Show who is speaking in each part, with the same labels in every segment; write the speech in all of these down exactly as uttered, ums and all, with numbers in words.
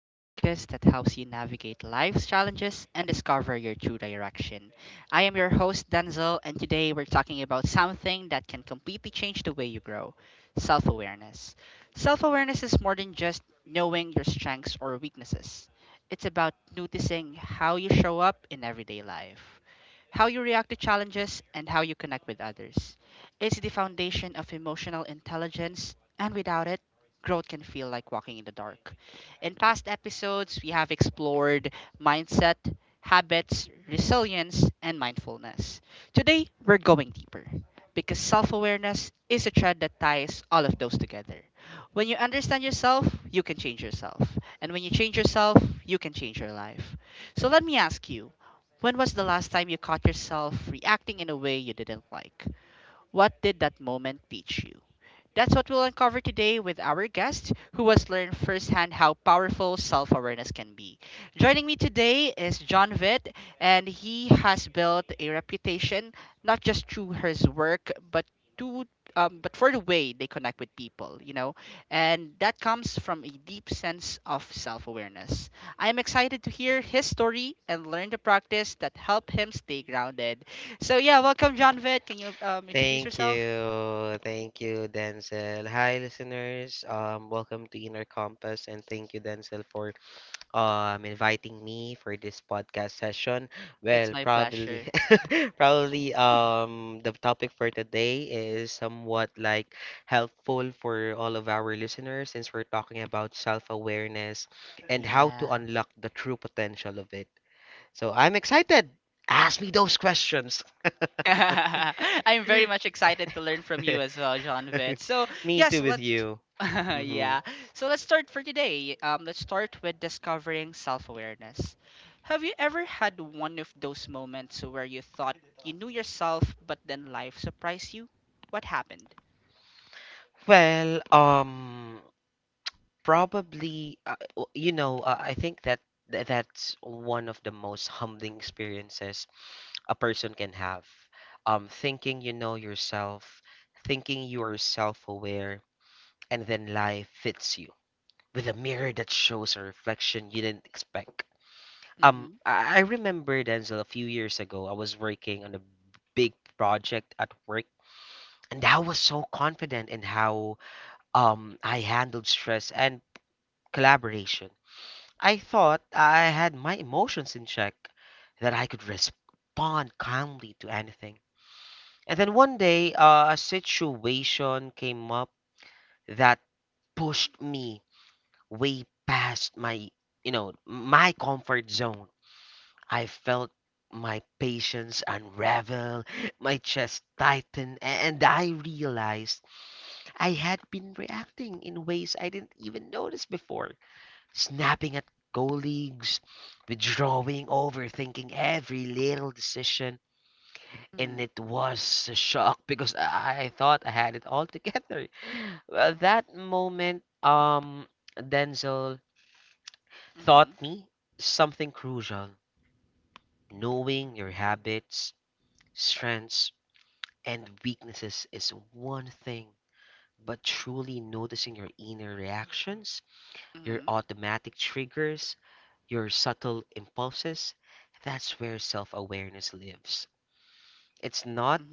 Speaker 1: the podcast that helps you navigate life's challenges and discover your true direction. I am your host, Denzel, and today we're talking about something that can completely change the way you grow: self awareness. Self awareness is more than just knowing your strengths or weaknesses. It's about noticing how you show up in everyday life, how you react to challenges, and how you connect with others. It's the foundation of emotional intelligence. And without it, growth can feel like walking in the dark. In past episodes, we have explored mindset, habits, resilience, and mindfulness. Today, we're going deeper because self awareness is a thread that ties all of those together. When you understand yourself, you can change yourself. And when you change yourself, you can change your life. So let me ask you, when was the last time you caught yourself reacting in a way you didn't like? What did that moment teach you? That's what we'll uncover today with our guest, who has learned firsthand how powerful self awareness can be. Joining me today is John Vitt, and he has built a reputation not just through his work, but to um, but for the way they connect with people, you know, and that comes from a deep sense of self awareness. I am excited to hear his story and learn the practice that help him stay grounded. So, yeah, welcome, John Vitt. Can you um, introduce
Speaker 2: Thank
Speaker 1: yourself?
Speaker 2: you. Thank you, Denzel. Hi, listeners. Um, welcome to Inner Compass, and thank you, Denzel, for um inviting me for this podcast session.
Speaker 1: It's
Speaker 2: Well,
Speaker 1: my
Speaker 2: probably,
Speaker 1: pleasure.
Speaker 2: probably um the topic for today is somewhat like helpful for all of our listeners since we're talking about self-awareness and how to
Speaker 1: Yeah.
Speaker 2: unlock the true potential of it. So I'm excited. Ask me those questions.
Speaker 1: I'm very much excited to learn from you as well, John Vitt. So,
Speaker 2: Me
Speaker 1: yes,
Speaker 2: too with
Speaker 1: let's
Speaker 2: you. Hmm
Speaker 1: yeah. So let's start for today. Um, let's start with discovering self-awareness. Have you ever had one of those moments where you thought you knew yourself, but then life surprised you? What happened?
Speaker 2: Well, um, probably, uh, w- you know, uh, I think that th- that's one of the most humbling experiences a person can have. Um, thinking you know yourself, thinking you are self-aware, and then life hits you with a mirror that shows a reflection you didn't expect. Um,
Speaker 1: Mm-hmm.
Speaker 2: I I remember, Denzel, a few years ago, I was working on a big project at work. And I was so confident in how um, I handled stress and collaboration. I thought I had my emotions in check, that I could respond calmly to anything. And then one day, uh, a situation came up that pushed me way past my, you know, my comfort zone. I felt my patience unravel, my chest tighten, a- and I realized I had been reacting in ways I didn't even notice before, snapping at colleagues, withdrawing, overthinking every little decision. And
Speaker 1: Mm-hmm.
Speaker 2: it was a shock because I I thought I had it all together. Well, that moment, um, Denzel
Speaker 1: Mm-hmm.
Speaker 2: taught me something crucial. Knowing your habits, strengths, and weaknesses is one thing, but truly noticing your inner reactions, your
Speaker 1: Mm-hmm.
Speaker 2: automatic triggers, your subtle impulses. That's where self awareness lives. It's not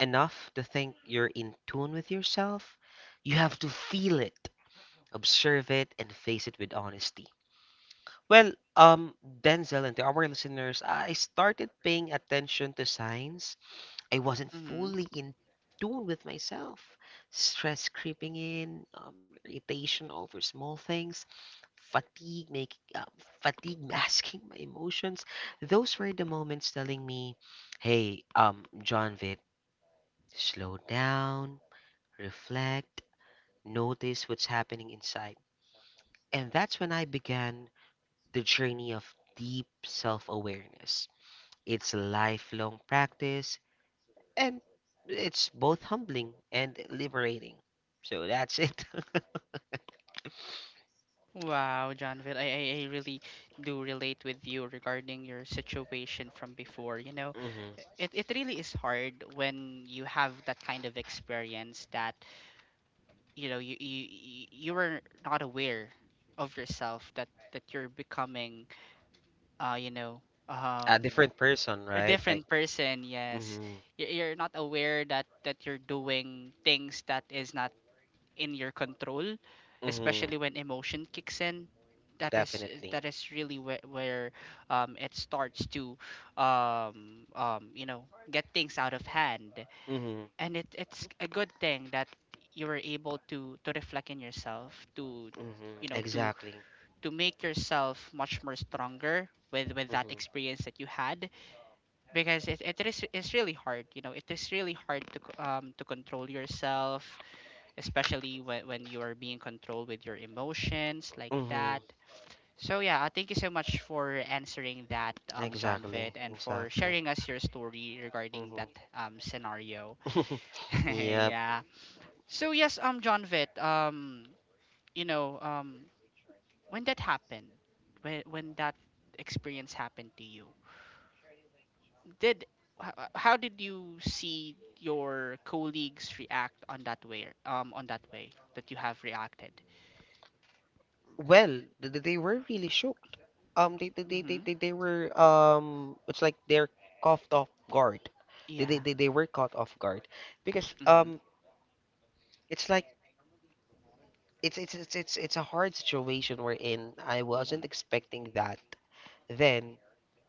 Speaker 2: enough to think you're in tune with yourself, you have to feel it, observe it, and face it with honesty. Well, um, Denzel and to our listeners, I started paying attention to signs I wasn't
Speaker 1: Mm-hmm.
Speaker 2: fully in tune with myself. Stress creeping in, um, irritation over small things, fatigue make um, fatigue masking my emotions. Those were the moments telling me, "Hey, um, John Vitt, slow down, reflect, notice what's happening inside." And that's when I began the journey of deep self-awareness. It's a lifelong practice and it's both humbling and liberating. So that's it.
Speaker 1: Wow, Jonathan, I, I, I really do relate with you regarding your situation from before. You know,
Speaker 2: hmm
Speaker 1: it, it really is hard when you have that kind of experience that, you know, you, you, you you are not aware of yourself, that, that you're becoming, uh, you know,
Speaker 2: A
Speaker 1: um,
Speaker 2: different person,
Speaker 1: a
Speaker 2: right? Like,
Speaker 1: different person. Yes.
Speaker 2: hmm
Speaker 1: You- You're not aware that, that you're doing things that is not in your control,
Speaker 2: hmm
Speaker 1: especially when emotion kicks in. That is
Speaker 2: definitely.
Speaker 1: that is really where, where um, it starts to um, um, you know, get things out of hand,
Speaker 2: Hmm
Speaker 1: and it, it's a good thing that you were able to to reflect in yourself to
Speaker 2: hmm
Speaker 1: you know to
Speaker 2: exactly.
Speaker 1: to make yourself much more stronger with with that
Speaker 2: hmm
Speaker 1: experience that you had because it, it is it's really hard you know it is really hard to c- um to control yourself especially when, when you are being controlled with your emotions like that.
Speaker 2: hmm
Speaker 1: So yeah, uh, thank you so much for answering that, um, John Vitt,
Speaker 2: exactly,
Speaker 1: and for
Speaker 2: exactly.
Speaker 1: sharing us your story regarding
Speaker 2: hmm
Speaker 1: that um, scenario.
Speaker 2: Yep.
Speaker 1: yeah. So yes, um, John Vitt, um, you know, um, when that happened, when when that experience happened to you, did h- h- how did you see your colleagues react on that way? Um, on that way that you have reacted.
Speaker 2: Well, th- th- they were really shocked. Um, they they, they, they
Speaker 1: Mm-hmm.
Speaker 2: they they were um, it's like they're caught off guard. They, they
Speaker 1: Yeah.
Speaker 2: they they were caught off guard because
Speaker 1: Mhm.
Speaker 2: um, it's like it's it's it's it's it's a hard situation we're in. I wasn't
Speaker 1: Mhm.
Speaker 2: expecting that. Then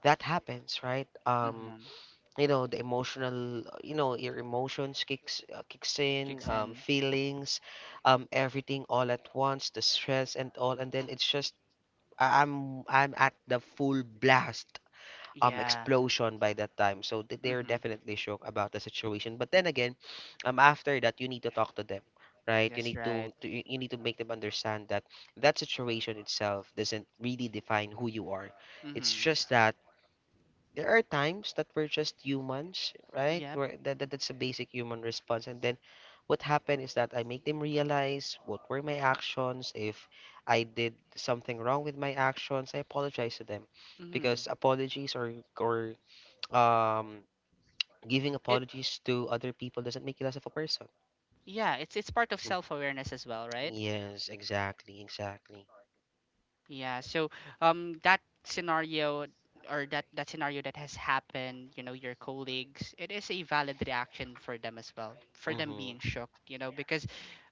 Speaker 2: that happens, right? Um,
Speaker 1: Mhm.
Speaker 2: you know, the emotional, you know, your emotions kicks uh, kicks in,
Speaker 1: Chicks
Speaker 2: um,
Speaker 1: and
Speaker 2: feelings, um, everything all at once, the stress and all, and then it's just I- I'm I'm at the full blast um
Speaker 1: yeah.
Speaker 2: explosion by that time. So th- they're
Speaker 1: Mhm.
Speaker 2: definitely shocked about the situation. But then again, um after that you need to talk to them, right? You
Speaker 1: That's
Speaker 2: need
Speaker 1: right.
Speaker 2: to, to you you need to make them understand that that situation itself doesn't really define who you are. It's
Speaker 1: Mhm.
Speaker 2: just that there are times that we're just humans, right?
Speaker 1: Yep.
Speaker 2: Where that, that that's a basic human response. And then what happened is that I make them realize what were my actions. If I did something wrong with my actions, I apologize to them
Speaker 1: Mhm.
Speaker 2: because apologies or or um giving
Speaker 1: It
Speaker 2: apologies to other people doesn't make you less of a person.
Speaker 1: yeah, it's it's part of
Speaker 2: Mm.
Speaker 1: self-awareness as well, right?
Speaker 2: Yes, exactly, exactly.
Speaker 1: Yeah. So um that scenario or that that scenario that has happened, you know, your colleagues, it is a valid reaction for them as well. For them
Speaker 2: Mhm.
Speaker 1: being shocked, you know, because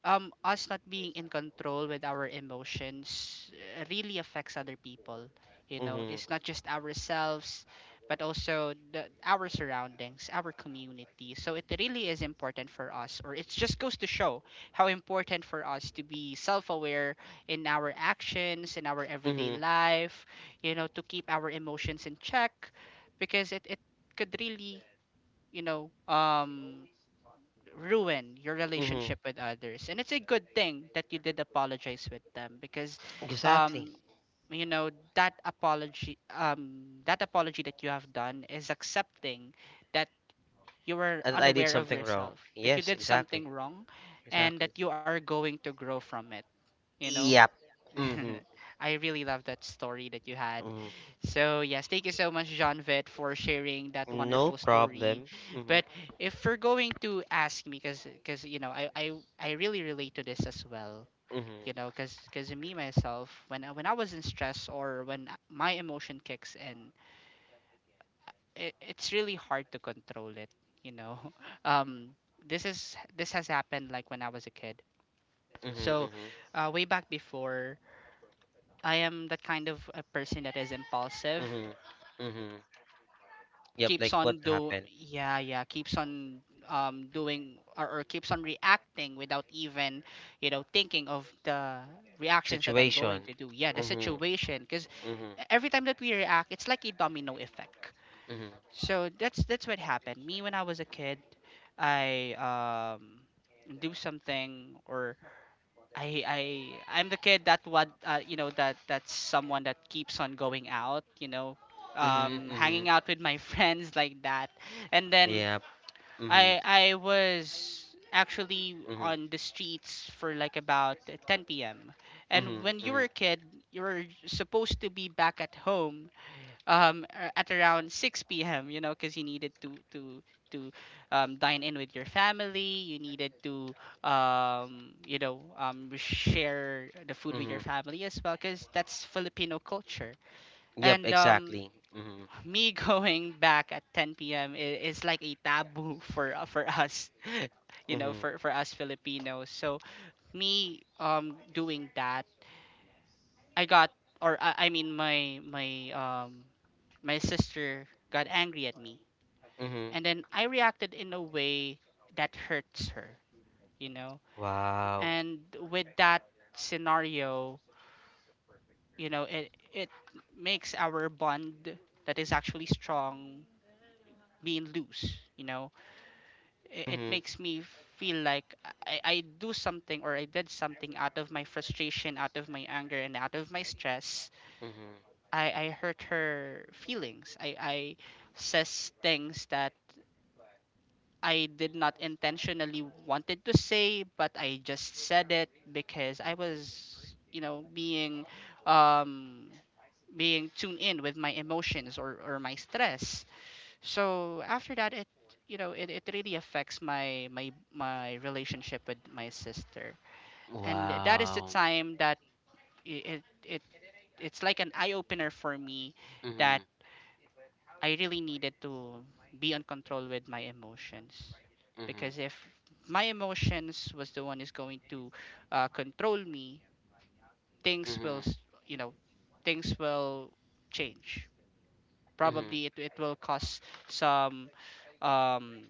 Speaker 1: um us not being in control with our emotions uh, really affects other people, you know.
Speaker 2: Mhm.
Speaker 1: It's not just ourselves but also the, our surroundings, our community. So it really is important for us, or it just goes to show how important for us to be self-aware in our actions, in our everyday
Speaker 2: Mhm.
Speaker 1: life, you know, to keep our emotions in check because it, it could really, you know, um, ruin your
Speaker 2: Mhm.
Speaker 1: relationship with others. And it's a good thing that you did apologize with them because,
Speaker 2: Exactly.
Speaker 1: um, you know, that apology, um, that apology that you have done is accepting that you were
Speaker 2: And I
Speaker 1: unaware
Speaker 2: did
Speaker 1: of
Speaker 2: something
Speaker 1: yourself,
Speaker 2: wrong.
Speaker 1: that you did
Speaker 2: Yes,
Speaker 1: something
Speaker 2: exactly.
Speaker 1: wrong, and that
Speaker 2: Exactly.
Speaker 1: you are going to grow from it, you know.
Speaker 2: Yep. Mhm.
Speaker 1: I really love that story that you had.
Speaker 2: Mhm.
Speaker 1: So, yes, thank you so much, John Vitt, for sharing that wonderful
Speaker 2: No
Speaker 1: story.
Speaker 2: problem.
Speaker 1: But
Speaker 2: Mhm.
Speaker 1: if we're going to ask me, because, because you know, I, I, I really relate to this as well, you
Speaker 2: Mhm.
Speaker 1: know, because because me, myself, when, I- when I was in stress or when my emotion kicks in, it, it's really hard to control it, you know. Um, this is this has happened like when I was a kid.
Speaker 2: Mhm.
Speaker 1: So,
Speaker 2: Mhm.
Speaker 1: uh, way back before, I am that kind of a person that is impulsive.
Speaker 2: Mhm. Mhm. Yep,
Speaker 1: Keeps
Speaker 2: like
Speaker 1: on
Speaker 2: what
Speaker 1: do
Speaker 2: happened?
Speaker 1: yeah, yeah, keeps on um doing or, or keeps on reacting without even, you know, thinking of the reactions that I'm going
Speaker 2: Situation.
Speaker 1: to do. Yeah, the
Speaker 2: Mhm.
Speaker 1: situation because
Speaker 2: Mhm.
Speaker 1: every time that we react, it's like a domino effect.
Speaker 2: Mhm.
Speaker 1: So that's that's what happened. Me when I was a kid, I um do something or I I I'm the kid that what uh, you know that that's someone that keeps on going out, you know,
Speaker 2: Mhm.
Speaker 1: um, hanging
Speaker 2: Mhm.
Speaker 1: out with my friends like that, and then
Speaker 2: Yep. Mhm.
Speaker 1: I I was actually
Speaker 2: Mhm.
Speaker 1: on the streets for like about ten p m. And
Speaker 2: Mhm.
Speaker 1: when you were
Speaker 2: Mhm.
Speaker 1: a kid, you were supposed to be back at home um a- at around six p m. You know, because you needed to to to um, dine in with your family. You needed to um you know um share the food with
Speaker 2: Mm-hmm.
Speaker 1: your family as well, because that's Filipino culture.
Speaker 2: Yep,
Speaker 1: And um
Speaker 2: exactly. Mm-hmm.
Speaker 1: me going back at ten p m is is like a taboo for uh, for us. you know
Speaker 2: Mm-hmm.
Speaker 1: for for us Filipinos, so me um doing that, I got or I, I mean, my my um my sister got angry at me,
Speaker 2: Mm-hmm.
Speaker 1: and then I reacted in a way that hurts her, you know.
Speaker 2: Wow.
Speaker 1: And with that scenario, you know, it it makes our bond that is actually strong being loose, you know. It, it
Speaker 2: Mm-hmm.
Speaker 1: makes me feel like I, I do something, or I did something out of my frustration, out of my anger and out of my stress.
Speaker 2: Mm-hmm.
Speaker 1: I, I hurt her feelings. I, I says things that I did not intentionally wanted to say, but I just said it because I was, you know, being um being tuned in with my emotions or, or my stress. So after that it you know it, it really affects my, my my relationship with my sister. And that is the
Speaker 2: Wow.
Speaker 1: time that i- it it it's like an eye opener for me. That
Speaker 2: Mm-hmm.
Speaker 1: I really needed to be on control with my emotions,
Speaker 2: Mm-hmm.
Speaker 1: because if my emotions was the one is going to uh, control me, things will
Speaker 2: Mm-hmm.
Speaker 1: s- you know things will change. Probably
Speaker 2: Mm-hmm.
Speaker 1: it it will cause some um,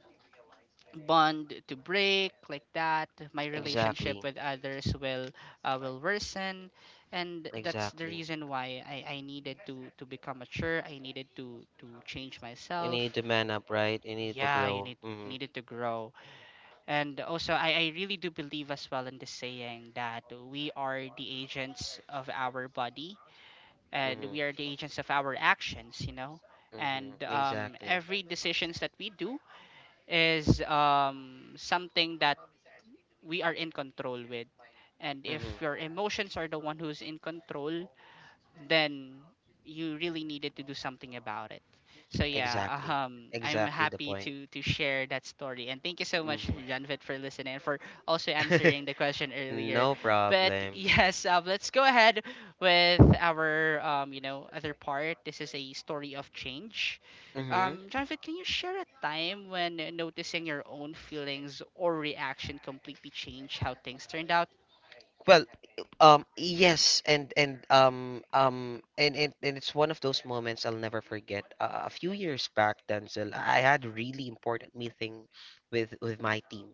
Speaker 1: bond to break like that. My relationship
Speaker 2: Exactly.
Speaker 1: with others will uh, will worsen, and that's the
Speaker 2: Exactly.
Speaker 1: reason why I, I needed to to become mature. I needed to to change
Speaker 2: You need
Speaker 1: myself.
Speaker 2: to man up, right? You need to
Speaker 1: Yeah, you
Speaker 2: grow.
Speaker 1: need
Speaker 2: Mm-hmm.
Speaker 1: needed to grow. And also, I, I really do believe as well in the saying that we are the agents of our body, and
Speaker 2: Mm-hmm.
Speaker 1: we are the agents of our actions, you know. And
Speaker 2: Mm-hmm.
Speaker 1: um,
Speaker 2: Exactly.
Speaker 1: every decisions that we do is um, something that we are in control with, and
Speaker 2: Mm-hmm.
Speaker 1: if your emotions are the one who's in control, then you really needed to do something about it. So yeah,
Speaker 2: Exactly.
Speaker 1: um, I'm
Speaker 2: Exactly the
Speaker 1: happy
Speaker 2: point.
Speaker 1: to to share that story, and thank you so much,
Speaker 2: Mm-hmm.
Speaker 1: Janvit, for listening and for also answering the question earlier.
Speaker 2: No
Speaker 1: But
Speaker 2: problem.
Speaker 1: yes, um, let's go ahead with our um, you know other part. This is a story of change.
Speaker 2: Mm-hmm.
Speaker 1: Um, Janvit, can you share a time when noticing your own feelings or reaction completely changed how things turned out?
Speaker 2: Well, um, yes, and and um um and, and and it's one of those moments I'll never forget. Uh, a few years back, Denzel, I had a really important meeting with with my team.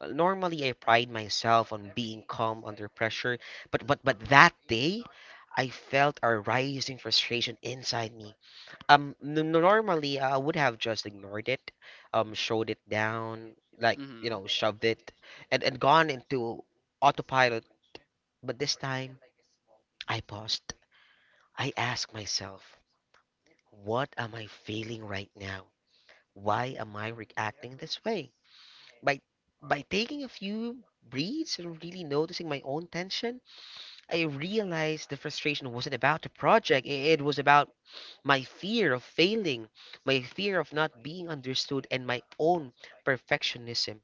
Speaker 2: Uh, Normally, I pride myself on being calm under pressure, but but but that day, I felt a rising frustration inside me. Um, n- normally I would have just ignored it, um, showed it down, like you
Speaker 1: Mm-hmm.
Speaker 2: know, shoved it, and and gone into autopilot, but this time, I paused. I asked myself, what am I feeling right now? Why am I reacting this way? By by taking a few breaths and really noticing my own tension, I realized the frustration wasn't about the project. i- It was about my fear of failing, my fear of not being understood, and my own perfectionism.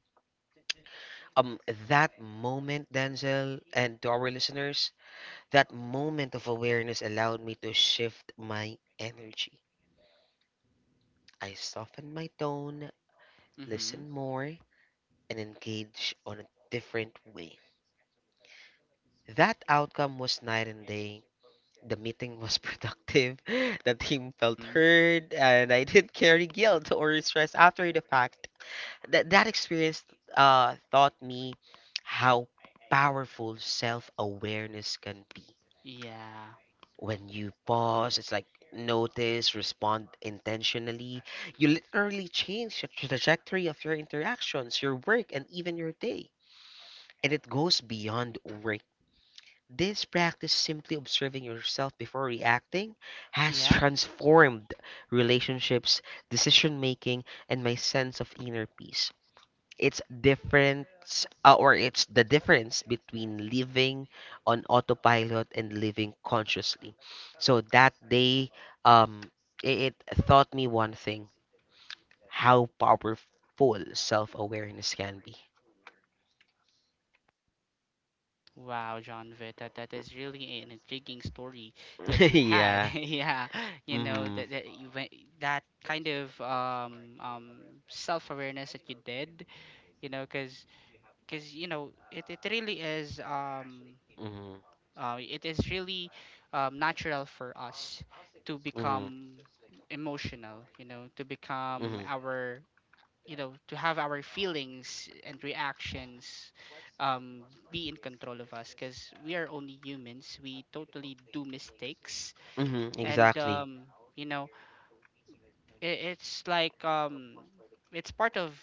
Speaker 2: Um, that moment, Denzel, and to our listeners, that moment of awareness allowed me to shift my energy. I softened my tone,
Speaker 1: Mm-hmm.
Speaker 2: listened more, and engaged on a different way. That outcome was night and day. The meeting was productive, the team felt
Speaker 1: Mm.
Speaker 2: heard, and I didn't carry guilt or stress after the fact. That, that experience uh, taught me how powerful self awareness can be
Speaker 1: Yeah.
Speaker 2: when you pause. It's like, notice, respond intentionally. You literally change the trajectory of your interactions, your work, and even your day. And it goes beyond work. This practice, simply observing yourself before reacting, has
Speaker 1: Yeah.
Speaker 2: transformed relationships, decision making, and my sense of inner peace. It's difference uh, or it's the difference between living on autopilot and living consciously. So that day, um it it taught me one thing: how powerful self-awareness can be.
Speaker 1: Wow, John Vitt, that, that is really an intriguing story that you had.
Speaker 2: yeah
Speaker 1: Yeah, you know
Speaker 2: mm-hmm.
Speaker 1: that that you went, that kind of um, um, self-awareness that you did. You know, because cause you know it, it really is um,
Speaker 2: Mm-hmm.
Speaker 1: uh, it is really um, natural for us to
Speaker 2: Mm-hmm.
Speaker 1: become emotional. You know, to become
Speaker 2: Mm-hmm.
Speaker 1: our you know to have our feelings and reactions um, be in control of us, because we are only humans, we totally do mistakes.
Speaker 2: Mm-hmm.
Speaker 1: And
Speaker 2: exactly
Speaker 1: um, you know it, it's like um, it's part of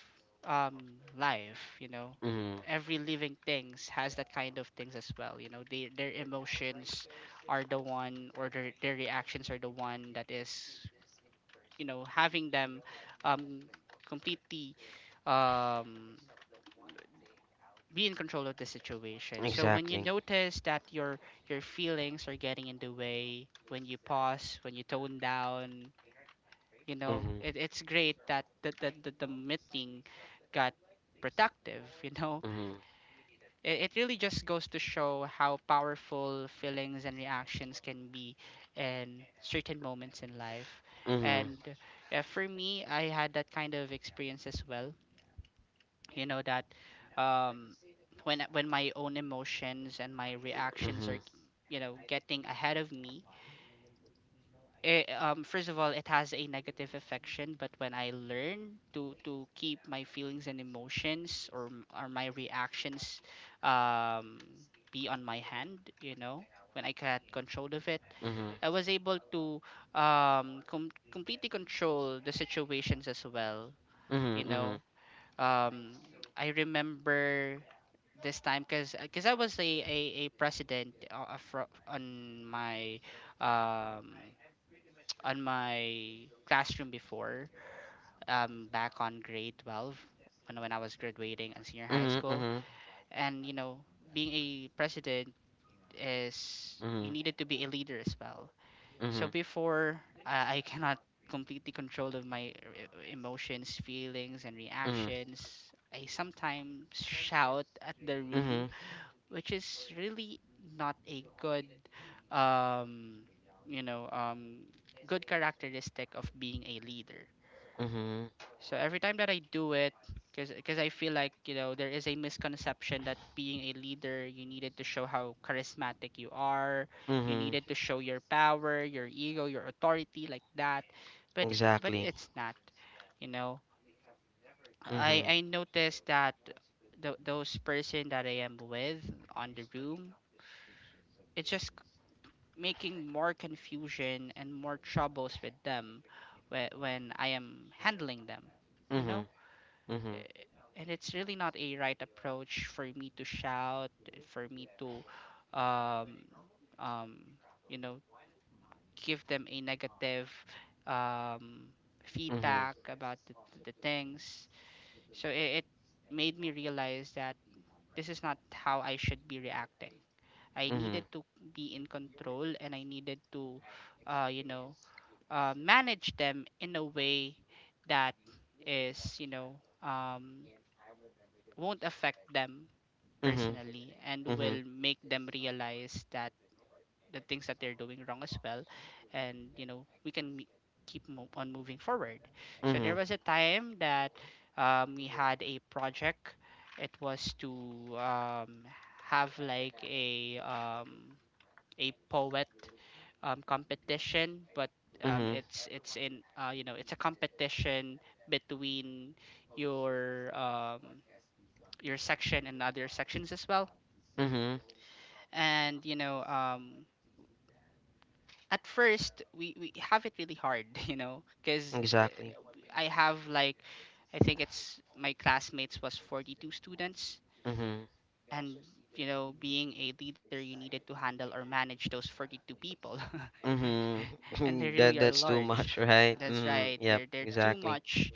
Speaker 1: um, life, you know.
Speaker 2: mm-hmm.
Speaker 1: Every living things has that kind of things as well, you know. They, their emotions are the one, or their, their reactions are the one that is you know having them um, completely um, be in control of the situation. So when you
Speaker 2: exactly
Speaker 1: notice that your your feelings are getting in the way, when you pause, when you tone down, you know,
Speaker 2: mm-hmm.
Speaker 1: it, it's great that the, the, the, the meeting got productive, you know.
Speaker 2: Mm-hmm.
Speaker 1: It, it really just goes to show how powerful feelings and reactions can be in certain moments in life.
Speaker 2: Mhm.
Speaker 1: And uh, for me, I had that kind of experience as well you know that um, when when my own emotions and my reactions are
Speaker 2: Mhm.
Speaker 1: you know getting ahead of me. It, um, first of all, it has a negative affection. But when I learn to to keep my feelings and emotions or m- or my reactions um, be on my hand, you know when I got control of it,
Speaker 2: Mhm.
Speaker 1: I was able to um, com- completely control the situations as well. you
Speaker 2: Mhm.
Speaker 1: know um, I remember this time, because because I was a, a, a president, uh, uh, fro- on my um, on my classroom before, um, back on grade twelve when, when I was graduating in senior high
Speaker 2: Mhm.
Speaker 1: school.
Speaker 2: Mhm.
Speaker 1: And, you know, being a president is, you
Speaker 2: Mhm.
Speaker 1: needed to be a leader as well. So
Speaker 2: Mhm.
Speaker 1: before, I I cannot completely control of my uh, emotions, feelings and
Speaker 2: Mhm.
Speaker 1: reactions. I sometimes shout at the room,
Speaker 2: Mhm.
Speaker 1: which is really not a good um you know um good characteristic of being a leader.
Speaker 2: Mhm. Mhm.
Speaker 1: So every time that I do it, because I feel like, you know, there is a misconception that being a leader, you needed to show how charismatic you are, you
Speaker 2: Mhm.
Speaker 1: needed to show your power, your ego, your authority like that. but but
Speaker 2: Exactly.
Speaker 1: it's not, you know. i
Speaker 2: Mhm.
Speaker 1: i noticed that th- those person that I am with on the room, it's just making more confusion and more troubles with them whe- when I am handling them, you know?
Speaker 2: Mhm. Mhm.
Speaker 1: Eh, And it's really not a right approach for me to shout, for me to, um, um, you know, give them a negative um,
Speaker 2: Mhm.
Speaker 1: feedback about the, the things. So it, it made me realize that this is not how I should be reacting. I
Speaker 2: Mhm.
Speaker 1: needed to be in control and I needed to uh, you know, uh, manage them in a way that is, you know, um, won't affect them
Speaker 2: Mhm.
Speaker 1: personally and
Speaker 2: Mhm.
Speaker 1: will make them realize that the things that they're doing wrong as well. And, you know, we can me- keep mo- on moving forward. So
Speaker 2: Mhm.
Speaker 1: there was a time that um, we had a project. It was to um, have like a um, a poet um, competition. But um,
Speaker 2: Mhm.
Speaker 1: it's it's in uh, you know, it's a competition between your um, your section and other sections as well.
Speaker 2: Mm-hmm.
Speaker 1: And, you know um, at first, we, we have it really hard, you know, because
Speaker 2: Exactly.
Speaker 1: I have like, I think it's my classmates was forty-two students.
Speaker 2: Mm-hmm.
Speaker 1: And you know, being a leader, you needed to handle or manage those forty-two people. And they
Speaker 2: Mm-hmm.
Speaker 1: really
Speaker 2: That
Speaker 1: are
Speaker 2: that's too
Speaker 1: large.
Speaker 2: much, right?
Speaker 1: That's
Speaker 2: Mm,
Speaker 1: right,
Speaker 2: yep,
Speaker 1: they're they're too
Speaker 2: exactly.
Speaker 1: much.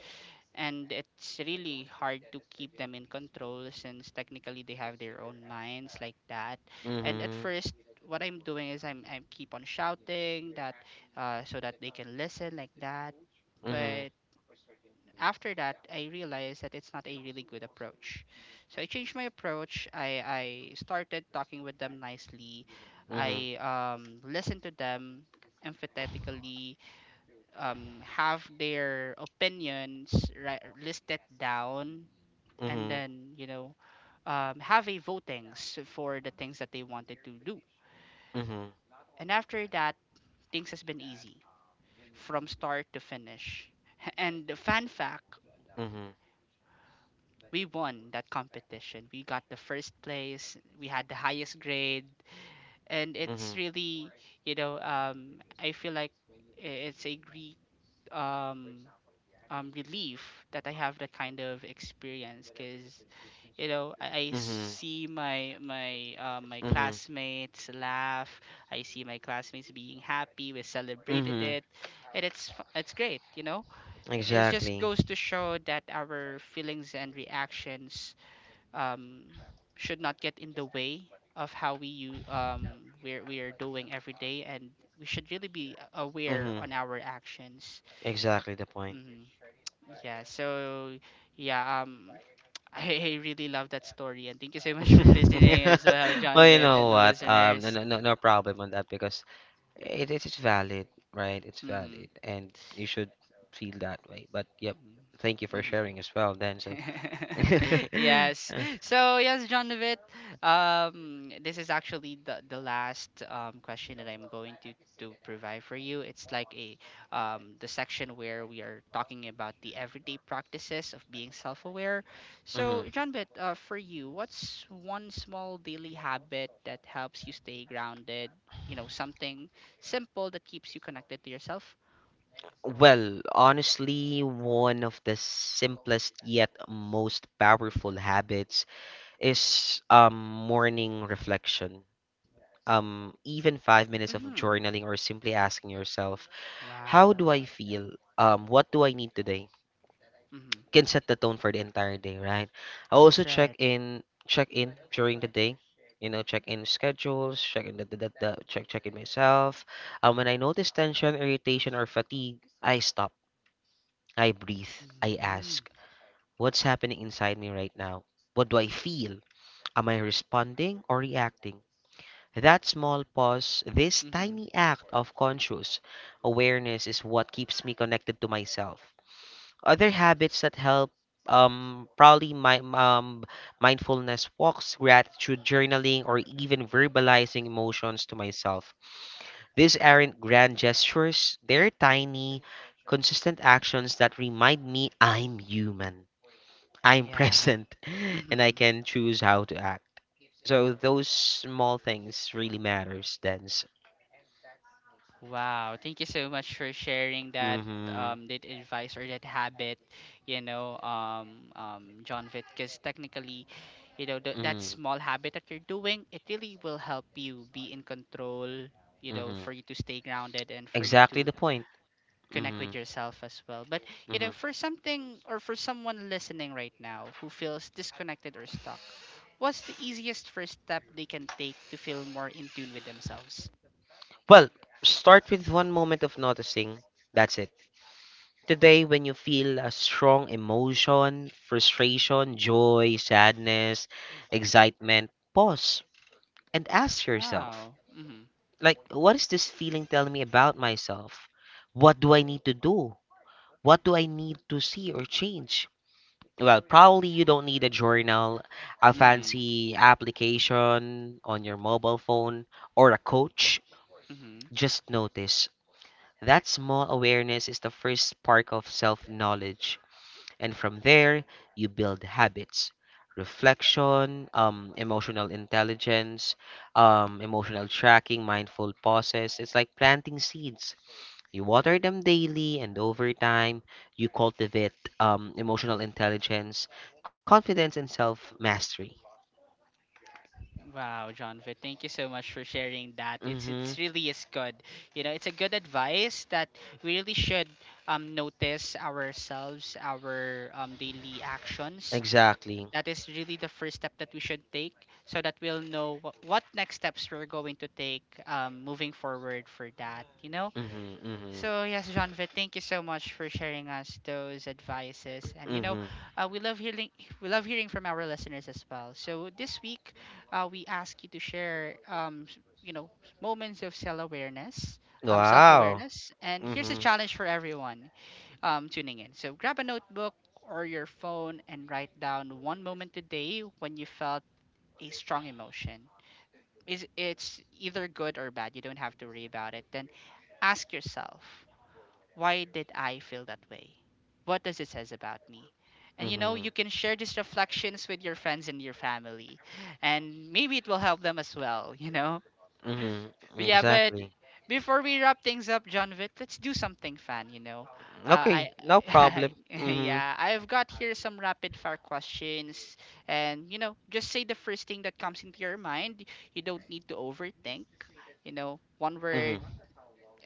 Speaker 1: And it's really hard to keep them in control, since technically they have their own minds like that. And at
Speaker 2: Mm-hmm.
Speaker 1: first, what I'm doing is i'm I keep on shouting, that uh, so that they can listen like that.
Speaker 2: Mm-hmm.
Speaker 1: But after that, I realized that it's not a really good approach. So I changed my approach. i I started talking with them nicely.
Speaker 2: Mm-hmm.
Speaker 1: I um listened to them empathetically, um, have their opinions ri- listed down. And
Speaker 2: Mm-hmm.
Speaker 1: then, you know um, have a votings for the things that they wanted to do.
Speaker 2: Mm-hmm.
Speaker 1: And after that, things has been easy from start to finish. And the fan fact,
Speaker 2: Mm-hmm.
Speaker 1: we won that competition, we got the first place, we had the highest grade. And it's
Speaker 2: Mm-hmm.
Speaker 1: really, you know um, I feel like i- it's a great um, um, relief that I have that kind of experience. Because, you know, I, I
Speaker 2: Mm-hmm.
Speaker 1: see my my uh, my
Speaker 2: Mm-hmm.
Speaker 1: classmates laugh. I see my classmates being happy. We celebrated
Speaker 2: Mm-hmm.
Speaker 1: it, and it's fu- it's great. You know, it just
Speaker 2: Exactly.
Speaker 1: goes to show that our feelings and reactions um, should not get in the way of how we you um we're we are doing every day. And we should really be aware
Speaker 2: Mm-hmm.
Speaker 1: on our actions.
Speaker 2: Exactly the point.
Speaker 1: Mm-hmm. Yeah, so yeah, um I, I really love that story, and thank you so much for listening as well, John
Speaker 2: Well, you
Speaker 1: Vitt, and
Speaker 2: know
Speaker 1: the
Speaker 2: what? Um, no,
Speaker 1: listeners.
Speaker 2: no, no no problem on that because it it's valid, right? It's
Speaker 1: Mm-hmm.
Speaker 2: valid, and you should feel that way. But yep, thank you
Speaker 1: Mm-hmm.
Speaker 2: for
Speaker 1: Mm-hmm.
Speaker 2: sharing as well, Denzel.
Speaker 1: Yes. So yes, John Novit, um, this is actually the the last um, question that I'm going to to provide for you. It's like a um, the section where we are talking about the everyday practices of being self-aware.
Speaker 2: Mhm.
Speaker 1: So John Bit, uh, for you, what's one small daily habit that helps you stay grounded? You know, something simple that keeps you connected to yourself.
Speaker 2: Well, honestly, one of the simplest yet most powerful habits is um, morning reflection. Um, even five minutes of
Speaker 1: Mm-hmm.
Speaker 2: journaling or simply asking yourself, how
Speaker 1: Wow.
Speaker 2: do I feel? Um, what do I need today?
Speaker 1: Mm-hmm.
Speaker 2: Can set the tone for the entire day, right? I
Speaker 1: That's
Speaker 2: also check
Speaker 1: right.
Speaker 2: in, check in during the day. You know, check in schedules, check in the, the, the, the check check in myself. Um, when I notice tension, irritation, or fatigue, I stop. I breathe. I
Speaker 1: Mm-hmm.
Speaker 2: ask, what's happening inside me right now? What do I feel? Am I responding or reacting? That small pause, this tiny act of conscious awareness is what keeps me connected to myself. Other habits that help, um probably my um mindfulness walks, gratitude journaling, or even verbalizing emotions to myself. These aren't grand gestures, they're tiny, consistent actions that remind me I'm human, I'm
Speaker 1: Yeah.
Speaker 2: present, and I
Speaker 1: Hmm.
Speaker 2: can choose how to act. So those small things really matters, then.
Speaker 1: Wow. Thank you so much for sharing that
Speaker 2: Mm-hmm.
Speaker 1: um that advice or that habit, you know, um um John Vitt. Because technically, you know, th- that
Speaker 2: Mm-hmm.
Speaker 1: small habit that you're doing, it really will help you be in control, you know,
Speaker 2: Mm-hmm.
Speaker 1: for you to stay grounded and for you
Speaker 2: Exactly
Speaker 1: to
Speaker 2: the point.
Speaker 1: connect
Speaker 2: Mm-hmm.
Speaker 1: with yourself as well. But, you know,
Speaker 2: Mm-hmm.
Speaker 1: for something or for someone listening right now who feels disconnected or stuck, what's the easiest first step they can take to feel more in tune with themselves?
Speaker 2: Well, start with one moment of noticing. That's it. Today, when you feel a strong emotion, frustration, joy, sadness, excitement, pause and ask yourself,
Speaker 1: Wow. Mhm.
Speaker 2: like, what is this feeling telling me about myself? What do I need to do? What do I need to see or change? Well, probably you don't need a journal, a
Speaker 1: Mhm.
Speaker 2: fancy application on your mobile phone, or a coach.
Speaker 1: Mhm.
Speaker 2: Just notice. That small awareness is the first spark of self knowledge. And from there, you build habits: reflection, um, emotional intelligence, um, emotional tracking, mindful pauses. It's like planting seeds. You water them daily, and over time, you cultivate um, emotional intelligence, confidence, and self mastery.
Speaker 1: Wow, Jonathan, thank you so much for sharing that. It's
Speaker 2: Mm-hmm.
Speaker 1: it's really is good. You know, it's a good advice that we really should um notice ourselves, our um daily actions.
Speaker 2: Exactly.
Speaker 1: That is really the first step that we should take, so that we'll know what, what next steps we're going to take um moving forward for that, you know?
Speaker 2: Mm-hmm. Mm-hmm.
Speaker 1: So yes, Jonathan, thank you so much for sharing us those advices. And you know,
Speaker 2: Mm-hmm.
Speaker 1: uh, we love hearing we love hearing from our listeners as well. So this week, uh, we ask you to share, um, s- you know, moments of self awareness, um, self
Speaker 2: Wow.
Speaker 1: awareness. And here's a
Speaker 2: Mm-hmm.
Speaker 1: challenge for everyone um, tuning in. So grab a notebook or your phone and write down one moment today when you felt a strong emotion. Is It's either good or bad. You don't have to worry about it. Then ask yourself, why did I feel that way? What does it says about me? And you know,
Speaker 2: Mm-hmm.
Speaker 1: you can share these reflections with your friends and your family, and maybe it will help them as well, you know?
Speaker 2: Mm-hmm.
Speaker 1: But yeah, but
Speaker 2: Exactly.
Speaker 1: before we wrap things up, John Vitt, let's do something fun, you know? Uh,
Speaker 2: Okay. No
Speaker 1: I,
Speaker 2: problem. Mm-hmm.
Speaker 1: yeah, I've got here some rapid fire questions, and you know, just say the first thing that comes into your mind. You don't need to overthink, you know, one word,
Speaker 2: Mm-hmm.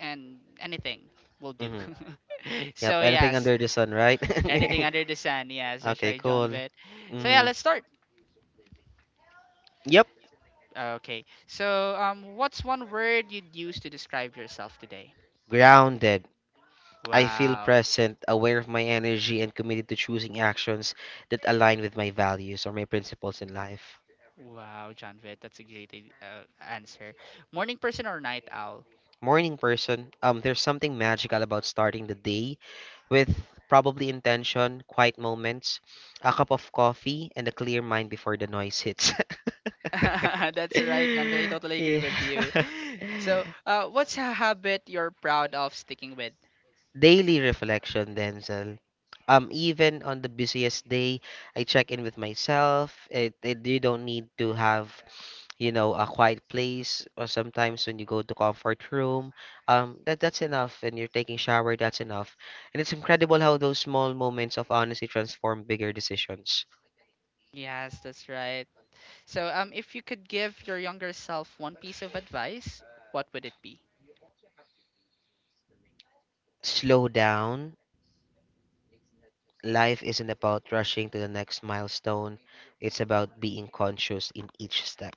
Speaker 1: and anything will do.
Speaker 2: Mm-hmm. Yep.
Speaker 1: So
Speaker 2: Anything
Speaker 1: yes,
Speaker 2: under the sun, right?
Speaker 1: anything under the sun. Yes, that's
Speaker 2: okay.
Speaker 1: right, John
Speaker 2: Cool.
Speaker 1: Vitt. So yeah,
Speaker 2: Mm-hmm.
Speaker 1: let's start.
Speaker 2: Yep.
Speaker 1: Okay. So um, what's one word you'd use to describe yourself today?
Speaker 2: Grounded. I feel
Speaker 1: Wow.
Speaker 2: present, aware of my energy, and committed to choosing actions that align with my values or my principles in life.
Speaker 1: Wow, John Vitt, that's a great i- uh, answer. Morning person or night owl?
Speaker 2: Morning person. Um, there's something magical about starting the day with probably intention, quiet moments, a cup of coffee, and a clear mind before the noise hits.
Speaker 1: That's right, John Vitt. I totally agree
Speaker 2: yeah.
Speaker 1: with you. So, uh, what's a habit you're proud of sticking with?
Speaker 2: Daily reflection, Denzel. Um, even on the busiest day, I check in with myself. It, it, you don't need to have, you know, a quiet place. Or sometimes when you go to comfort room, um, that that's enough. When you're taking shower, that's enough. And it's incredible how those small moments of honesty transform bigger decisions.
Speaker 1: Yes, that's right. So, um, if you could give your younger self one piece of advice, what would it be?
Speaker 2: Slow down. Life isn't about rushing to the next milestone. It's about being conscious in each step.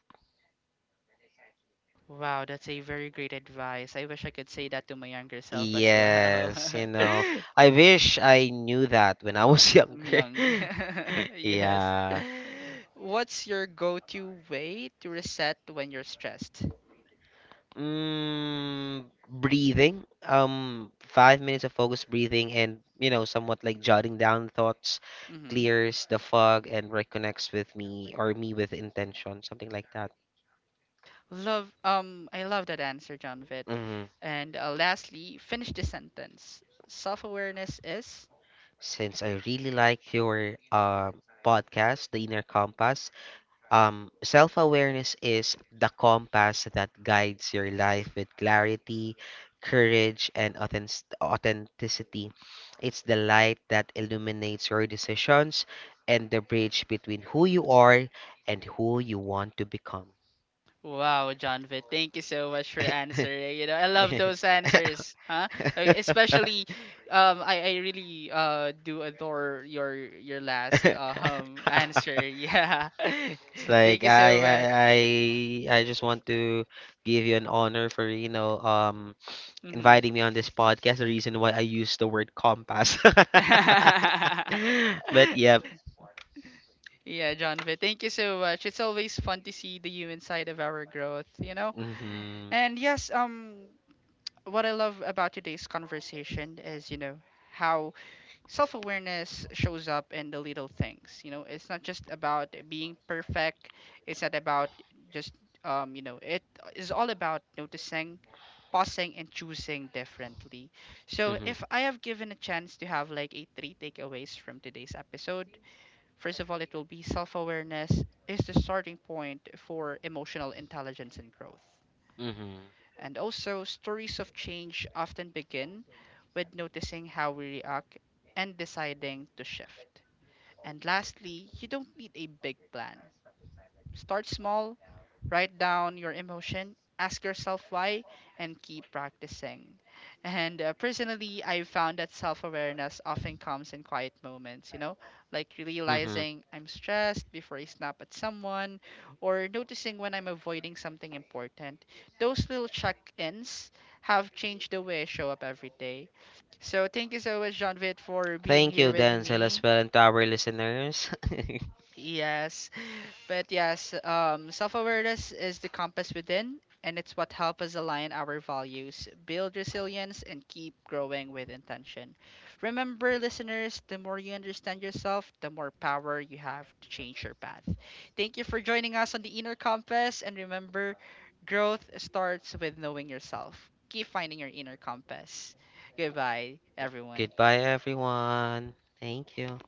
Speaker 1: Wow, that's a very great advice. I wish I could say that to my younger self as well.
Speaker 2: Yes, you know, I
Speaker 1: Y-
Speaker 2: wish I knew that when I was
Speaker 1: I'm
Speaker 2: younger.
Speaker 1: young. Yes.
Speaker 2: Yeah.
Speaker 1: What's your go-to way to reset when you're stressed?
Speaker 2: Mm, breathing. Um, five minutes of focused breathing and, you know, somewhat like jotting down thoughts
Speaker 1: Mm-hmm.
Speaker 2: clears the fog and reconnects with me, or me with intention, something like that.
Speaker 1: Love. Um, I love that answer, John Vitt.
Speaker 2: Mm.
Speaker 1: And uh, lastly, finish the sentence. Self-awareness is.
Speaker 2: Since I really like your uh, podcast, The Inner Compass, Um, self awareness is the compass that guides your life with clarity, courage, and authentic- authenticity. It's the light that illuminates your decisions and the bridge between who you are and who you want to become.
Speaker 1: Wow, Jonathan, thank you so much for answering. You know, I love those answers, huh? Uh, Especially, um, I, I really uh do adore your your last uh, um answer. Yeah,
Speaker 2: It's like
Speaker 1: thank you so
Speaker 2: I I
Speaker 1: much.
Speaker 2: I I just want to give you an honor for you know um
Speaker 1: Mm-hmm.
Speaker 2: inviting me on this podcast. The reason why I use the word compass. but yeah.
Speaker 1: Yeah, Jonathan, thank you so much. It's always fun to see the human side of our growth, you know.
Speaker 2: hmm
Speaker 1: And yes, um, what I love about today's conversation is, you know, how self awareness shows up in the little things. You know, it's not just about being perfect. It's not about just um, you know, it is all about noticing, pausing, and choosing differently. So,
Speaker 2: hmm
Speaker 1: if I have given a chance to have like a three takeaways from today's episode, first of all, it will be self awareness is the starting point for emotional intelligence and growth.
Speaker 2: hmm
Speaker 1: And also, stories of change often begin with noticing how we react and deciding to shift. And lastly, you don't need a big plan. Start small, write down your emotion, ask yourself why, and keep practicing. And uh, personally, I've found that self awareness often comes in quiet moments, you know, like
Speaker 2: hmm
Speaker 1: realizing I'm stressed before I snap at someone, or noticing when I'm avoiding something important. Those little check ins have changed the way I show up every day. So thank you so much, John Vitt, for being
Speaker 2: Thank
Speaker 1: here
Speaker 2: you,
Speaker 1: with
Speaker 2: Denzel, as
Speaker 1: me.
Speaker 2: well, and to our listeners.
Speaker 1: Yes. But yes, um, self awareness is the compass within, and it's what helps us align our values, build resilience, and keep growing with intention. Remember, listeners, the more you understand yourself, the more power you have to change your path. Thank you for joining us on the Inner Compass, and remember, growth starts with knowing yourself. Keep finding your inner compass. Goodbye, everyone.
Speaker 2: Goodbye, everyone. Thank you.